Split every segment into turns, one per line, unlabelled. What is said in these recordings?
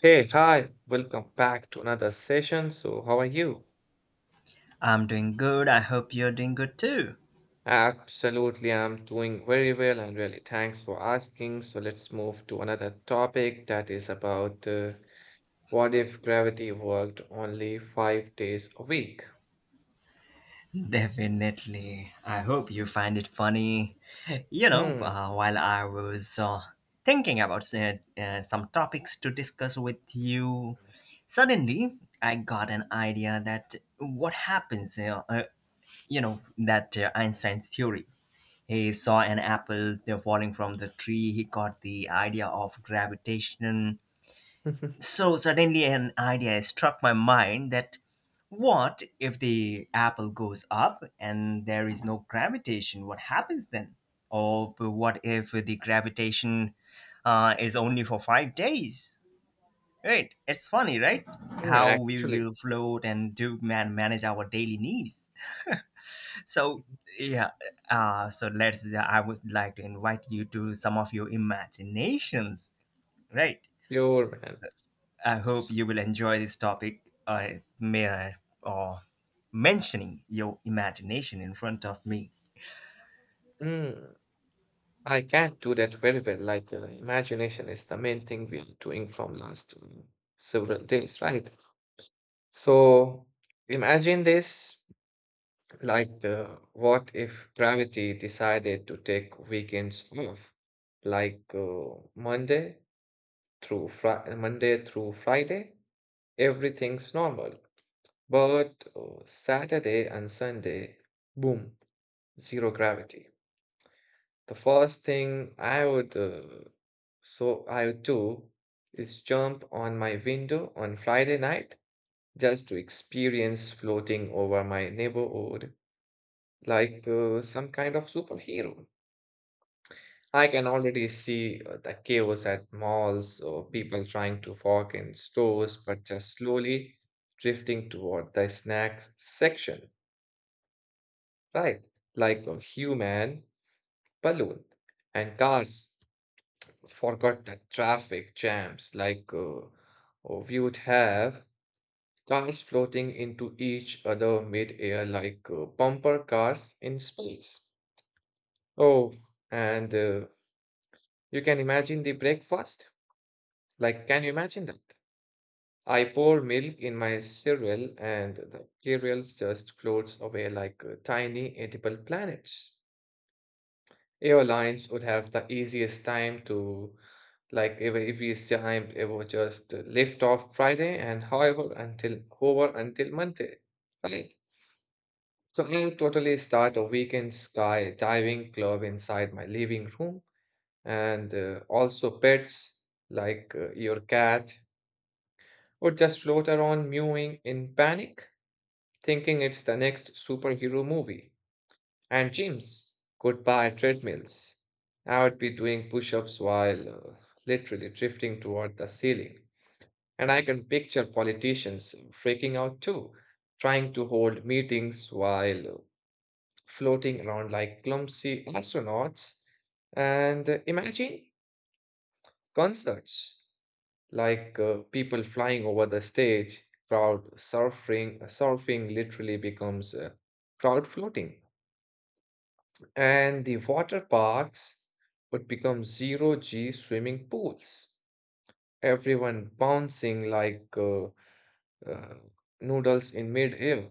Hey, hi, welcome back to another session. So, how are you?
I'm doing good. I hope you're doing good too.
Absolutely, I'm doing very well and really thanks for asking. So, let's move to another topic that is about what if gravity worked only 5 days a week?
Definitely. I hope you find it funny. You know,
Hmm,
while I was thinking about some topics to discuss with you, suddenly I got an idea that what happens, you know that Einstein's theory. He saw an apple falling from the tree. He got the idea of gravitation. So suddenly an idea struck my mind that what if the apple goes up and there is no gravitation? What happens then? Or what if the gravitation is only for 5 days? Right, it's funny, right?
yeah,
How we
actually,
will float and do man manage our daily needs? So yeah, so let's I would like to invite you to some of your imaginations, right?
pure man.
I hope
S-
you will enjoy this topic. I may I or mentioning your imagination in front of me.
mm, I can't do that very well. Imagination is the main thing we are doing from last several days, right? So, imagine this. Like, uh, what if gravity decided to take weekends off? Like uh, Monday through Fri Monday through Friday, everything's normal. But Saturday and Sunday, boom, zero gravity. The first thing I would so I would do is jump on my window on Friday night just to experience floating over my neighborhood like some kind of superhero. I can already see the chaos at malls or people trying to walk in stores but just slowly drifting toward the snacks section, right? Like a human balloon. And cars forgot the traffic jams like we would have cars floating into each other mid-air like bumper cars in space. Oh, and you can imagine the breakfast? Like, can you imagine that? I pour milk in my cereal and the cereals just floats away like tiny edible planets. Airlines would have the easiest time to, like, easiest time ever just lift off Friday and however until Monday, right? So I totally start a weekend skydiving club inside my living room and also pets like your cat would just float around mewing in panic, thinking it's the next superhero movie. And gyms, goodbye treadmills. I would be doing push ups while literally drifting toward the ceiling. And I can picture politicians freaking out too, trying to hold meetings while floating around like clumsy astronauts. And imagine concerts like people flying over the stage, crowd surfing, surfing literally becomes crowd floating. And the water parks would become zero G swimming pools, everyone bouncing like uh, noodles in midair.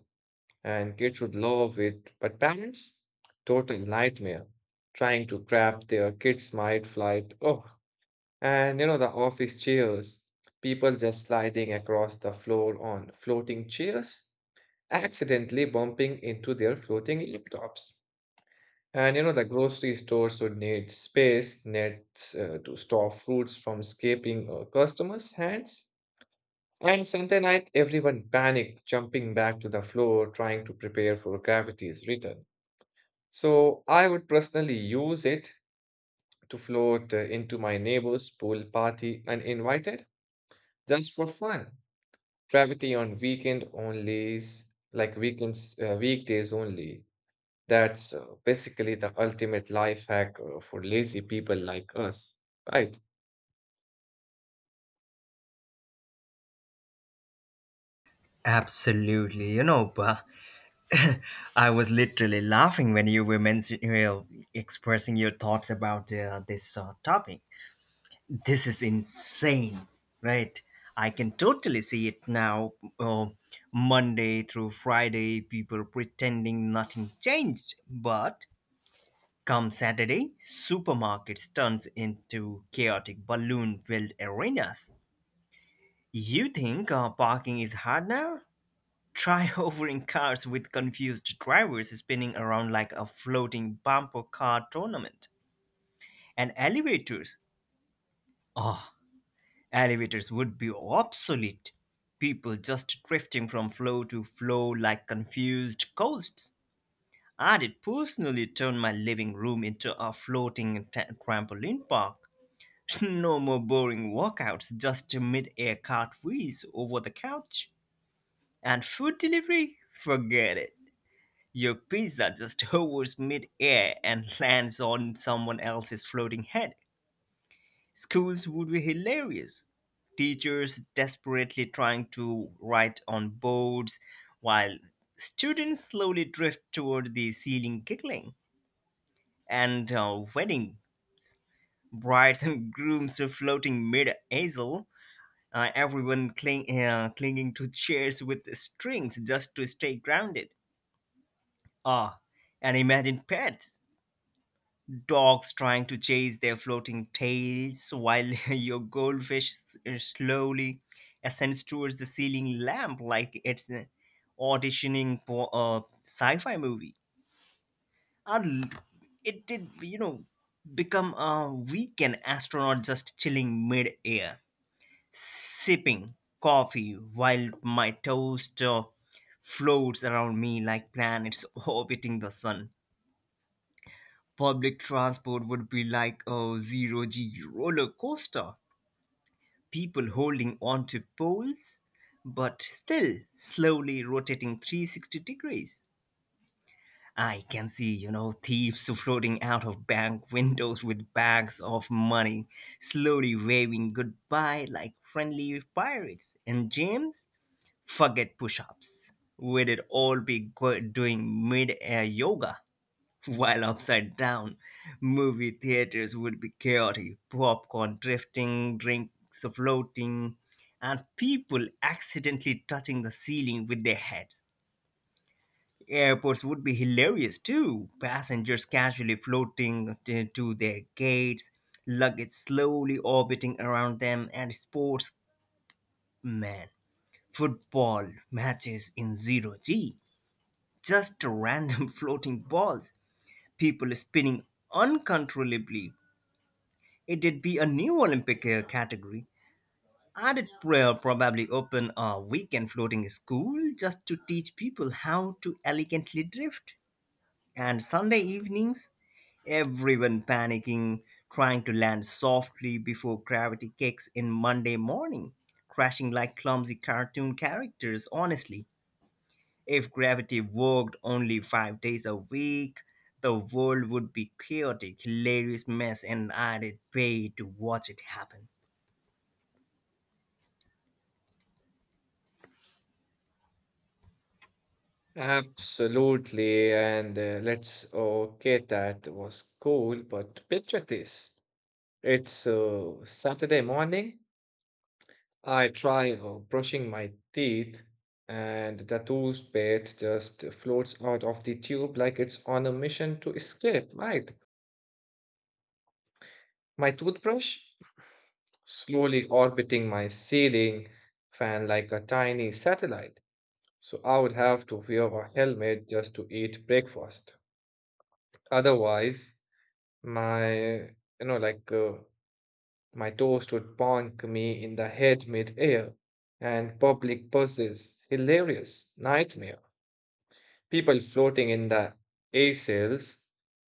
And kids would love it, but parents, total nightmare trying to grab their kids' might flight. Oh, and you know, the office chairs, people just sliding across the floor on floating chairs, accidentally bumping into their floating laptops. And you know, the grocery stores would need space nets to store fruits from escaping customers' hands. And Sunday night, everyone panicked, jumping back to the floor, trying to prepare for gravity's return. So I would personally use it to float into my neighbor's pool party uninvited, just for fun. Gravity on weekend only, like weekends, weekdays only. That's basically the ultimate life hack for lazy people like us, right?
Absolutely, you know, but I was literally laughing when you were mentioning, you know, expressing your thoughts about this topic. This is insane, right? I can totally see it now. Uh, Monday through Friday, people pretending nothing changed, but come Saturday, supermarkets turns into chaotic balloon-filled arenas. You think parking is hard now? Try hovering cars with confused drivers spinning around like a floating bumper car tournament. And elevators. Ah, elevators would be obsolete. People just drifting from floor to floor like confused ghosts. I did personally turn my living room into a floating trampoline park. No more boring walkouts, just mid-air cartwheels over the couch. And food delivery? Forget it. Your pizza just hovers mid-air and lands on someone else's floating head. Schools would be hilarious. Teachers desperately trying to write on boards while students slowly drift toward the ceiling giggling. And wedding brides and grooms are floating mid-aisle, everyone clinging to chairs with strings just to stay grounded. Ah, and imagine pets, dogs trying to chase their floating tails while your goldfish slowly ascends towards the ceiling lamp like it's auditioning for a sci-fi movie. And it did, you know, become a weekend astronaut just chilling mid-air, sipping coffee while my toaster floats around me like planets orbiting the sun. Public transport would be like a zero G roller coaster. People holding onto poles, but still slowly rotating 360 degrees. I can see, you know, thieves floating out of bank windows with bags of money, slowly waving goodbye like friendly pirates. And James, forget push ups. We did all be go- doing mid air yoga while upside down. Movie theaters would be chaotic, popcorn drifting, drinks floating, and people accidentally touching the ceiling with their heads. Airports would be hilarious too. Passengers casually floating to their gates, luggage slowly orbiting around them, and sportsmen football matches in zero G, just random floating balls, people spinning uncontrollably. It'd be a new Olympic category. I'd probably open a weekend floating school just to teach people how to elegantly drift. And Sunday evenings, everyone panicking, trying to land softly before gravity kicks in Monday morning, crashing like clumsy cartoon characters, honestly. If gravity worked only 5 days a week, the world would be chaotic, hilarious mess, and I'd pay to watch it happen.
Absolutely. Okay, that was cool, but picture this. It's Saturday morning. I try brushing my teeth, and the toothpaste just floats out of the tube like it's on a mission to escape, right? My toothbrush slowly orbiting my ceiling fan like a tiny satellite. So I would have to wear a helmet just to eat breakfast. Otherwise, my, you know, like my toast would bonk me in the head mid-air. And public buses, hilarious nightmare. People floating in the air sails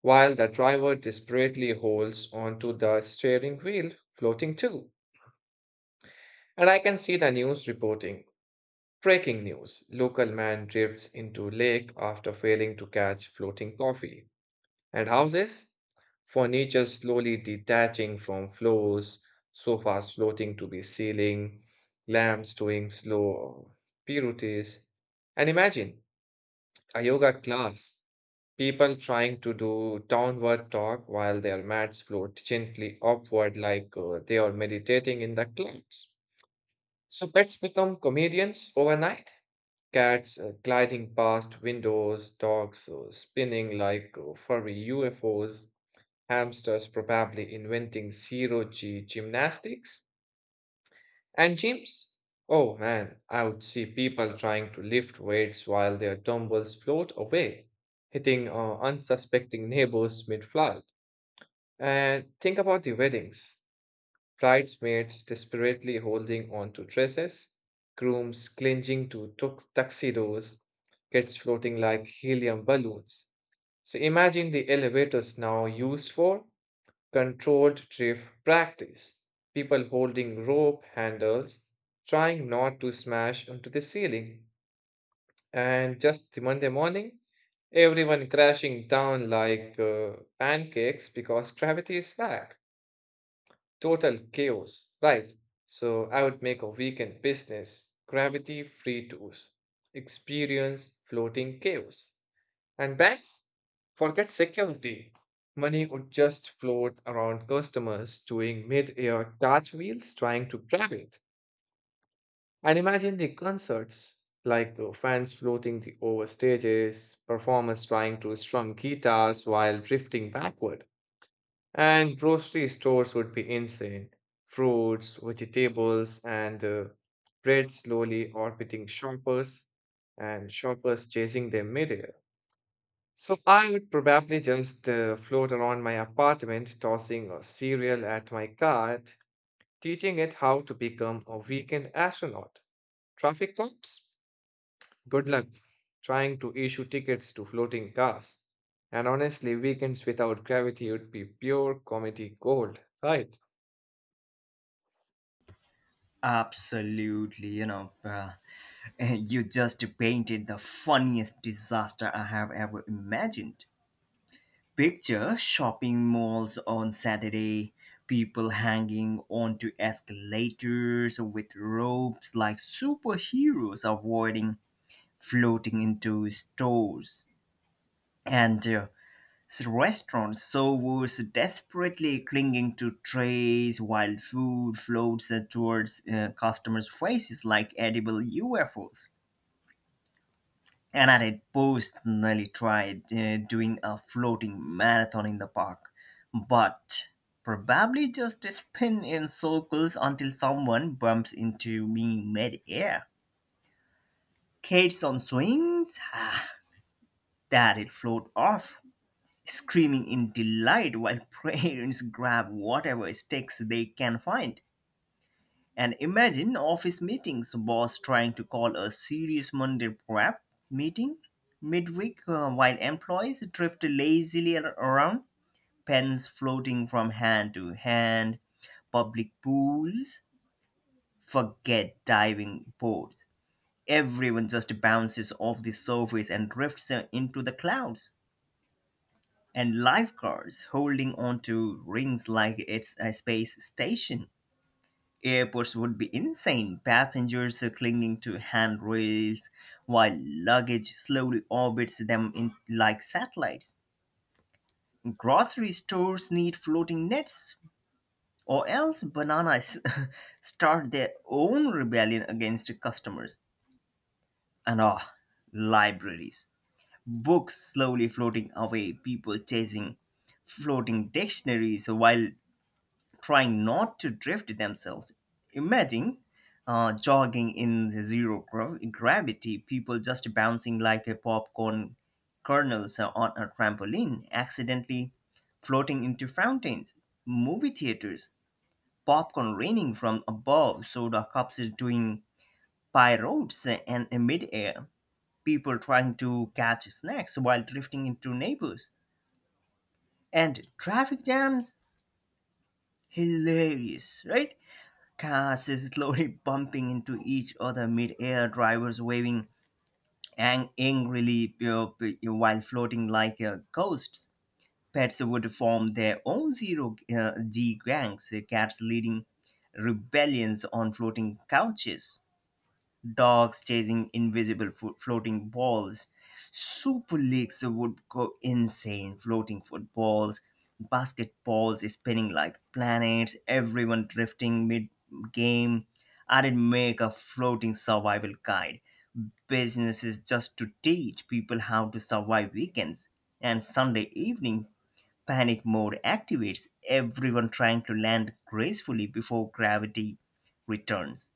while the driver desperately holds onto the steering wheel, floating too. And I can see the news reporting. Breaking news. Local man drifts into lake after failing to catch floating coffee. And houses? Furniture slowly detaching from floors, sofas floating to the ceiling, lamps doing slow pirouettes. And imagine a yoga class, people trying to do downward dog while their mats float gently upward like they are meditating in the clouds. So pets become comedians overnight, cats gliding past windows, dogs spinning like furry UFOs, hamsters probably inventing zero G gymnastics and gyms. Oh man, I would see people trying to lift weights while their dumbbells float away, hitting unsuspecting neighbors mid flight. And think about the weddings, bridesmaids desperately holding on to dresses, grooms clinging to tuxedos, kids floating like helium balloons. So imagine the elevators now used for controlled drift practice. People holding rope handles, trying not to smash into the ceiling. And just the Monday morning, everyone crashing down like pancakes because gravity is back. Total chaos, right? So I would make a weekend business, gravity free tours, experience floating chaos. And banks, forget security. Money would just float around customers doing mid-air cartwheels trying to grab it. And imagine the concerts, like the fans floating the over stages, performers trying to strum guitars while drifting backward. And grocery stores would be insane. Fruits, vegetables, and bread slowly orbiting shoppers and shoppers chasing them midair. So I would probably just float around my apartment, tossing a cereal at my cart, teaching it how to become a weekend astronaut. Traffic cops? Good luck trying to issue tickets to floating cars. And honestly, weekends without gravity would be pure comedy gold, right?
Absolutely, you just painted the funniest disaster I have ever imagined. Picture shopping malls on Saturday, people hanging onto escalators with ropes like superheroes avoiding floating into stores, and restaurants, so was desperately clinging to trays while food floats towards customers' faces like edible UFOs. And I had personally tried doing a floating marathon in the park, but probably just spin in circles until someone bumps into me mid-air. Kids on swings, that it float off screaming in delight while parents grab whatever sticks they can find. And imagine office meetings, boss trying to call a serious Monday prep meeting midweek while employees drift lazily around, pens floating from hand to hand, public pools, forget diving boards. Everyone just bounces off the surface and drifts into the clouds, and lifeguards holding onto rings like it's a space station. Airports would be insane, passengers clinging to handrails while luggage slowly orbits them in like satellites. Grocery stores need floating nets, or else bananas start their own rebellion against customers. And ah, libraries. Books slowly floating away, people chasing floating dictionaries while trying not to drift themselves. Imagine jogging in the gravity, people just bouncing like a popcorn kernels on a trampoline, accidentally floating into fountains, movie theaters, popcorn raining from above, soda cups doing pirouettes, and in midair, people trying to catch snacks while drifting into neighbors, and traffic jams. Hilarious, right? Cars slowly bumping into each other mid-air, drivers waving angrily while floating like ghosts. Pets would form their own zero-G gangs, cats leading rebellions on floating couches, dogs chasing invisible floating balls. Super leagues would go insane, floating footballs, basketballs spinning like planets, everyone drifting mid game. I'd make a floating survival guide. Businesses just to teach people how to survive weekends. And Sunday evening, panic mode activates, everyone trying to land gracefully before gravity returns,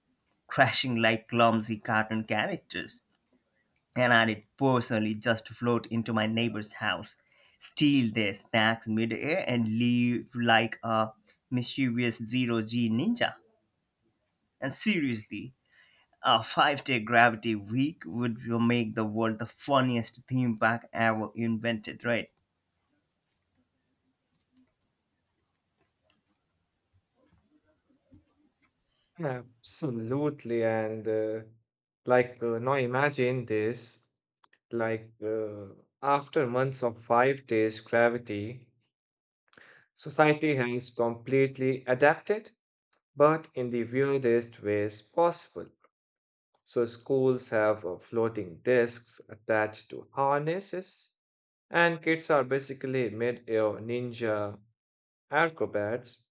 crashing like clumsy cartoon characters. And I did personally just float into my neighbor's house, steal their snacks midair, and leave like a mischievous zero G ninja. And seriously, a 5 day gravity week would make the world the funniest theme park ever invented, right?
Absolutely. Now imagine this, like, uh, after months of 5 days gravity, society has completely adapted, but in the weirdest ways possible. So, schools have floating discs attached to harnesses, and kids are basically mid-air ninja acrobats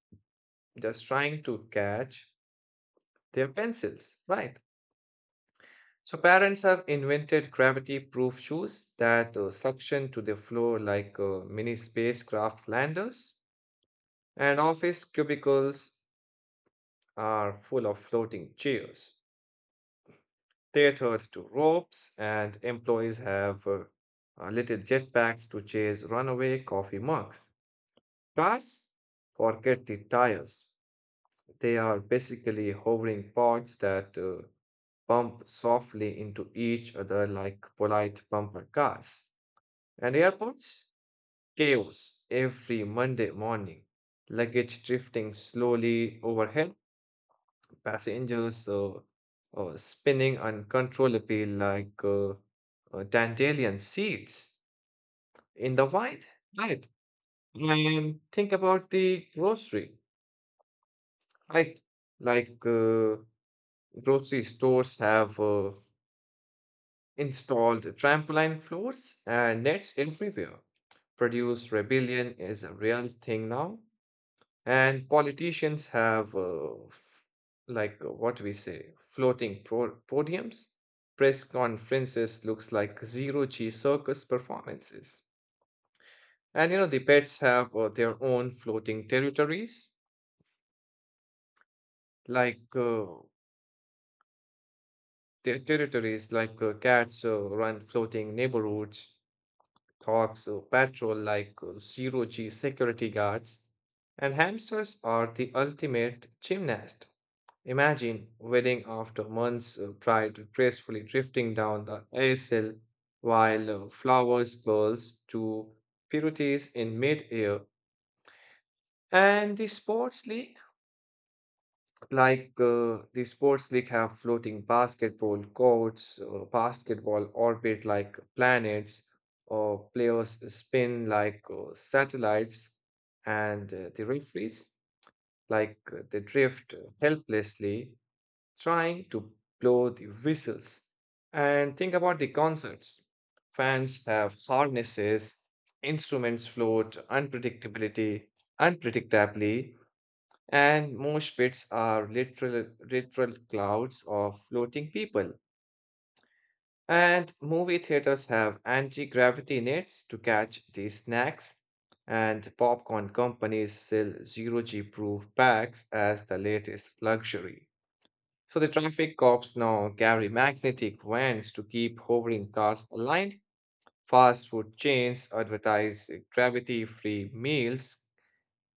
just trying to catch their pencils, right? So parents have invented gravity-proof shoes that suction to the floor like mini spacecraft landers, and office cubicles are full of floating chairs tethered to ropes, and employees have little jetpacks to chase runaway coffee mugs. Cars? Forget the tires. They are basically hovering pods that bump softly into each other like polite bumper cars. And airports? Chaos every Monday morning. Luggage drifting slowly overhead, passengers spinning uncontrollably like dandelion seeds in the wind. Right. And think about the grocery, right? Like uh, grocery stores have installed trampoline floors and nets everywhere. Produce rebellion is a real thing now. And politicians have, what we say, floating podiums. Press conferences looks like zero G circus performances. And you know the pets have their own floating territories, like their territories like cats run floating neighborhoods, dogs patrol like zero G security guards, and hamsters are the ultimate gymnast. Imagine wedding after months of pride gracefully drifting down the aisle while flowers curls to purities in mid-air. And the sports league, the sports league have floating basketball courts, basketball orbit like planets, or players spin like satellites, and the referees they drift helplessly trying to blow the whistles. And think about the concerts. Fans have harnesses, instruments float unpredictably, and mosh pits are literal clouds of floating people. And movie theaters have anti-gravity nets to catch the snacks, and popcorn companies sell zero G proof bags as the latest luxury. So the traffic cops now carry magnetic vans to keep hovering cars aligned. Fast food chains advertise gravity-free meals.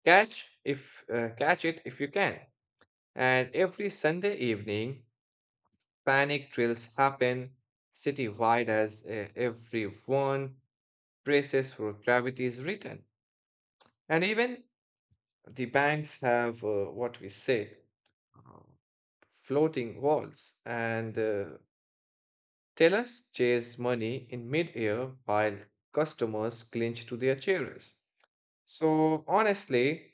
Catch it if you can. And every Sunday evening, panic drills happen citywide as everyone braces for gravity's return. And even the banks have what we say uh, floating walls and tellers chase money in midair while customers clinch to their chairs. So, honestly,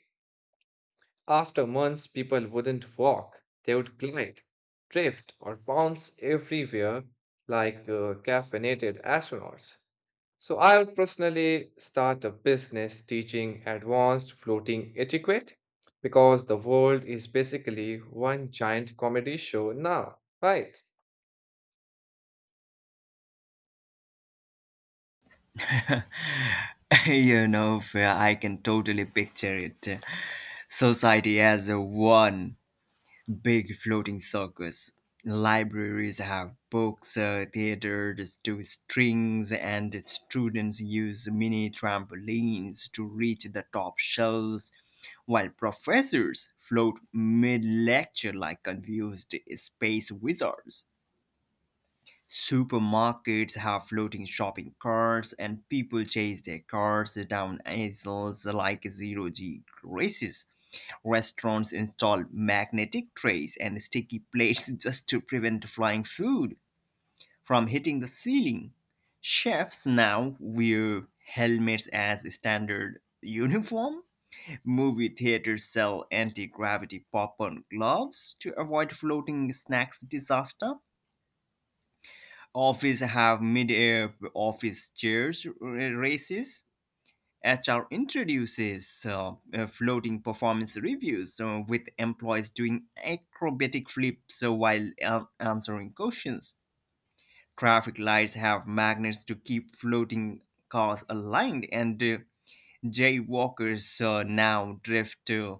after months, people wouldn't walk, they would glide, drift, or bounce everywhere like caffeinated astronauts. So, I would personally start a business teaching advanced floating etiquette because the world is basically one giant comedy show now, right?
You know, fair, I can totally picture it. Society as a one big floating circus. Libraries have books, theaters do strings, and students use mini trampolines to reach the top shelves, while professors float mid lecture like confused space wizards. Supermarkets have floating shopping carts, and people chase their carts down aisles like zero G graces. Restaurants installed magnetic trays and sticky plates just to prevent flying food from hitting the ceiling. Chefs now wear helmets as standard uniform. Movie theaters sell anti gravity popcorn gloves to avoid floating snacks disaster. Offices have mid air office chairs races. HR introduces floating performance reviews with employees doing acrobatic flips while answering questions. Traffic lights have magnets to keep floating cars aligned, and jaywalkers now drift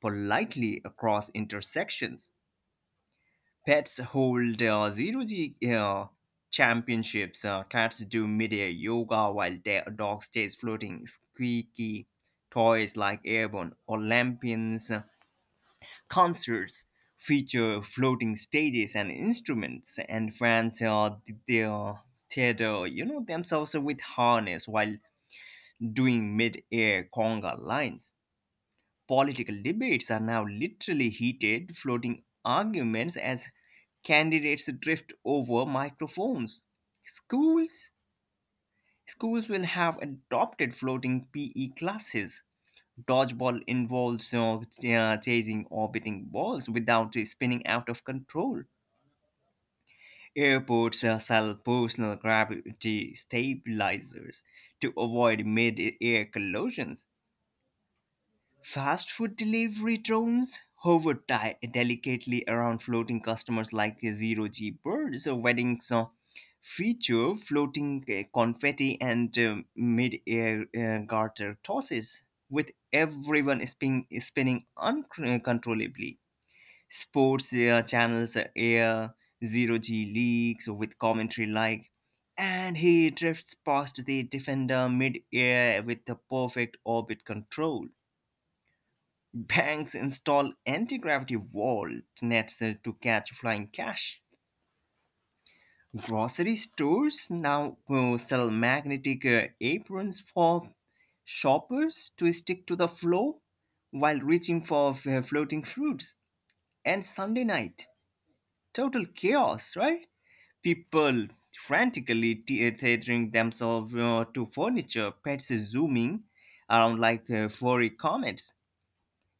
politely across intersections. Pets hold zero G championships. Cats do midair yoga while dog stays floating. Squeaky toys like airborne Olympians, concerts feature floating stages and instruments. And fans th- they theater, you know, themselves with harness while doing mid-air conga lines. Political debates are now literally heated, floating arguments as candidates drift over microphones. Schools schools will have adopted floating PE classes. Dodgeball involves you chasing orbiting balls without spinning out of control. Airports sell personal gravity stabilizers to avoid mid-air collisions. Fast food delivery drones hover delicately around floating customers like zero G birds. So weddings feature floating confetti and mid air garter tosses, with everyone spinning uncontrollably. Sports channels air zero G leagues with commentary like, and he drifts past the defender mid air with the perfect orbit control. Banks install anti-gravity wall nets to catch flying cash. Grocery stores now sell magnetic aprons for shoppers to stick to the floor while reaching for floating fruits. And Sunday night, total chaos, right? People frantically tethering themselves to furniture, pets zooming around like furry comets,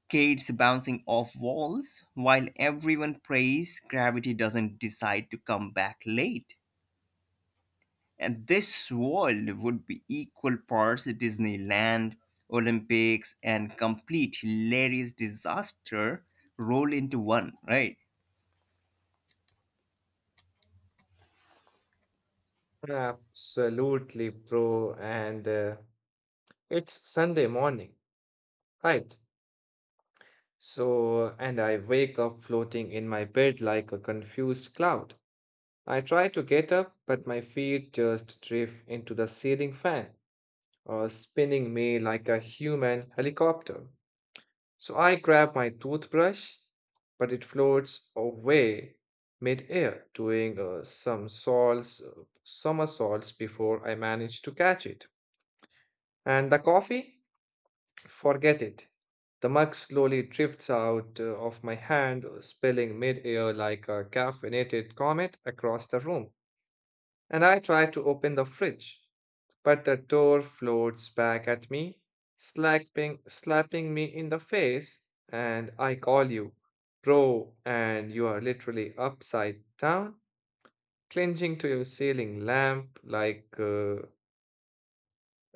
kids bouncing off walls while everyone prays gravity doesn't decide to come back late. And this world would be equal parts Disneyland, Olympics, and complete hilarious disaster roll into one, right?
Absolutely, bro. And it's Sunday morning, right? So, and I wake up floating in my bed like a confused cloud. I try to get up, but my feet just drift into the ceiling fan, spinning me like a human helicopter. So I grab my toothbrush, but it floats away mid-air, doing somersaults before I manage to catch it. And the coffee? Forget it. The mug slowly drifts out of my hand, spilling midair like a caffeinated comet across the room. And I try to open the fridge, but the door floats back at me, slapping me in the face, and I call you, bro, and you are literally upside down, clinging to your ceiling lamp like uh,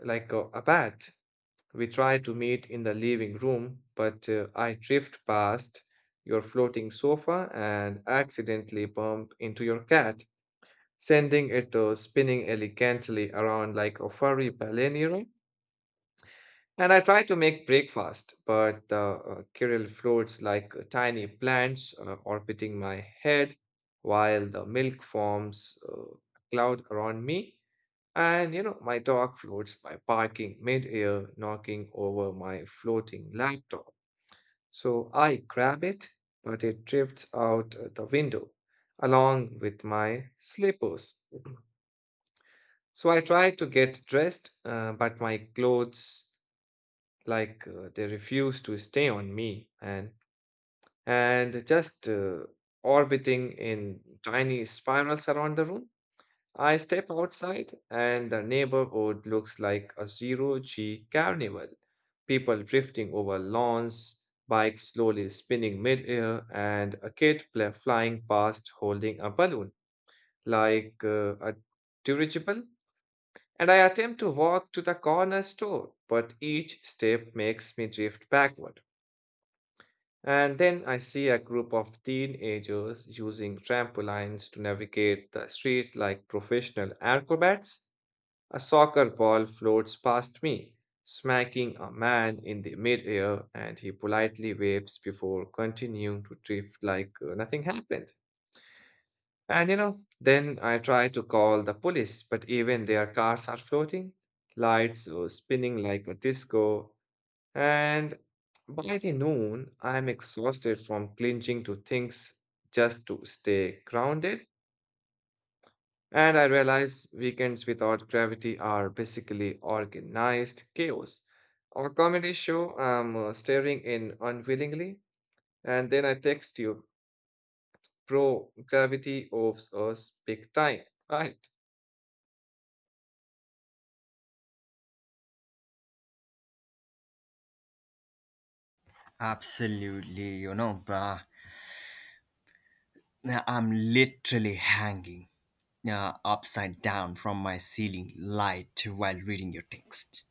like a, a bat. We try to meet in the living room, but I drift past your floating sofa and accidentally bump into your cat, sending it spinning elegantly around like a furry ballerina. And I try to make breakfast, but the Kirill floats like tiny plants orbiting my head while the milk forms a cloud around me. And you know, my dog floats by barking mid-air, knocking over my floating laptop. So I grab it, but it drifts out the window along with my slippers. So I try to get dressed, but my clothes, they refuse to stay on me, and just orbiting in tiny spirals around the room. I step outside and the neighborhood looks like a zero G carnival. People drifting over lawns, bikes slowly spinning midair, and a kid flying past holding a balloon like a dirigible. And I attempt to walk to the corner store, but each step makes me drift backward. And then I see a group of teenagers using trampolines to navigate the street like professional acrobats. A soccer ball floats past me, smacking a man in the midair, and he politely waves before continuing to drift like nothing happened. And you know, then I try to call the police, but even their cars are floating, lights spinning like a disco, and by the noon, I'm exhausted from clinging to things just to stay grounded. And I realize weekends without gravity are basically organized chaos. On a comedy show, I'm staring in unwillingly, and then I text you, bro, gravity owes us big time, right?
Absolutely, you know, bruh. Now I'm literally hanging upside down from my ceiling light while reading your text.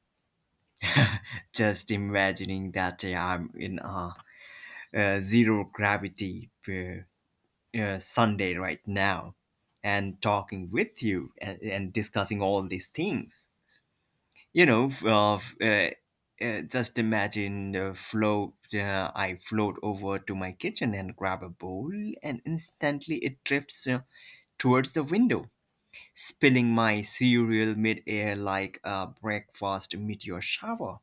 Just imagining that I'm in a zero gravity Sunday right now and talking with you and discussing all these things. You know, just imagine the float. I float over to my kitchen and grab a bowl, and instantly it drifts towards the window, spilling my cereal midair like a breakfast meteor shower.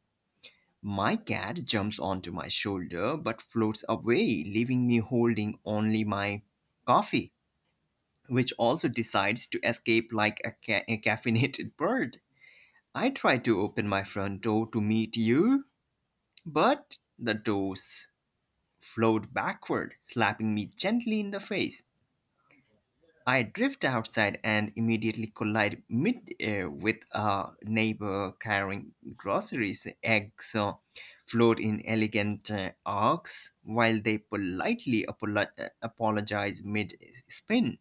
My cat jumps onto my shoulder but floats away, leaving me holding only my coffee, which also decides to escape like a caffeinated bird. I try to open my front door to meet you, but the doors flowed backward, slapping me gently in the face. I drift outside and immediately collide mid-air with a neighbor carrying groceries. Eggs float in elegant arcs while they apologize mid-spin.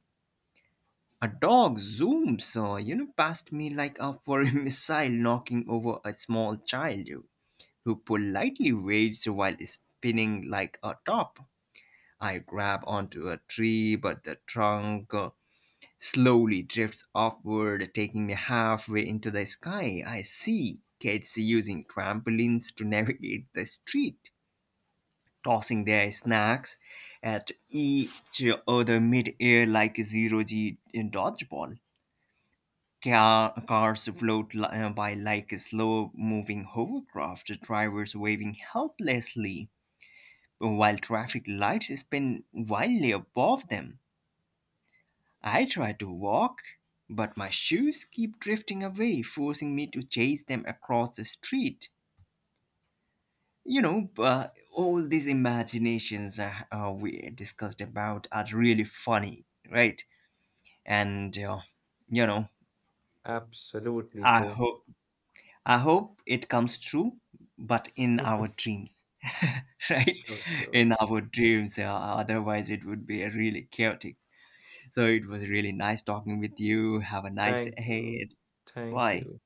A dog zooms, you know, past me like a foreign missile, knocking over a small child who politely waves while spinning like a top. I grab onto a tree, but the trunk slowly drifts upward, taking me halfway into the sky. I see kids using trampolines to navigate the street, tossing their snacks at each other mid-air like a zero-g in dodgeball. Cars float by like a slow-moving hovercraft, drivers waving helplessly while traffic lights spin wildly above them. I try to walk, but my shoes keep drifting away, forcing me to chase them across the street. You know, all these imaginations we discussed about are really funny, right? And you know,
Absolutely,
I
bro.
hope I hope it comes true, but in our dreams, right?
Sure, sure.
In our dreams. Otherwise, it would be really chaotic. So it was really nice talking with you. Have a nice day
Thank you.
ahead.
Thank
Bye.
you.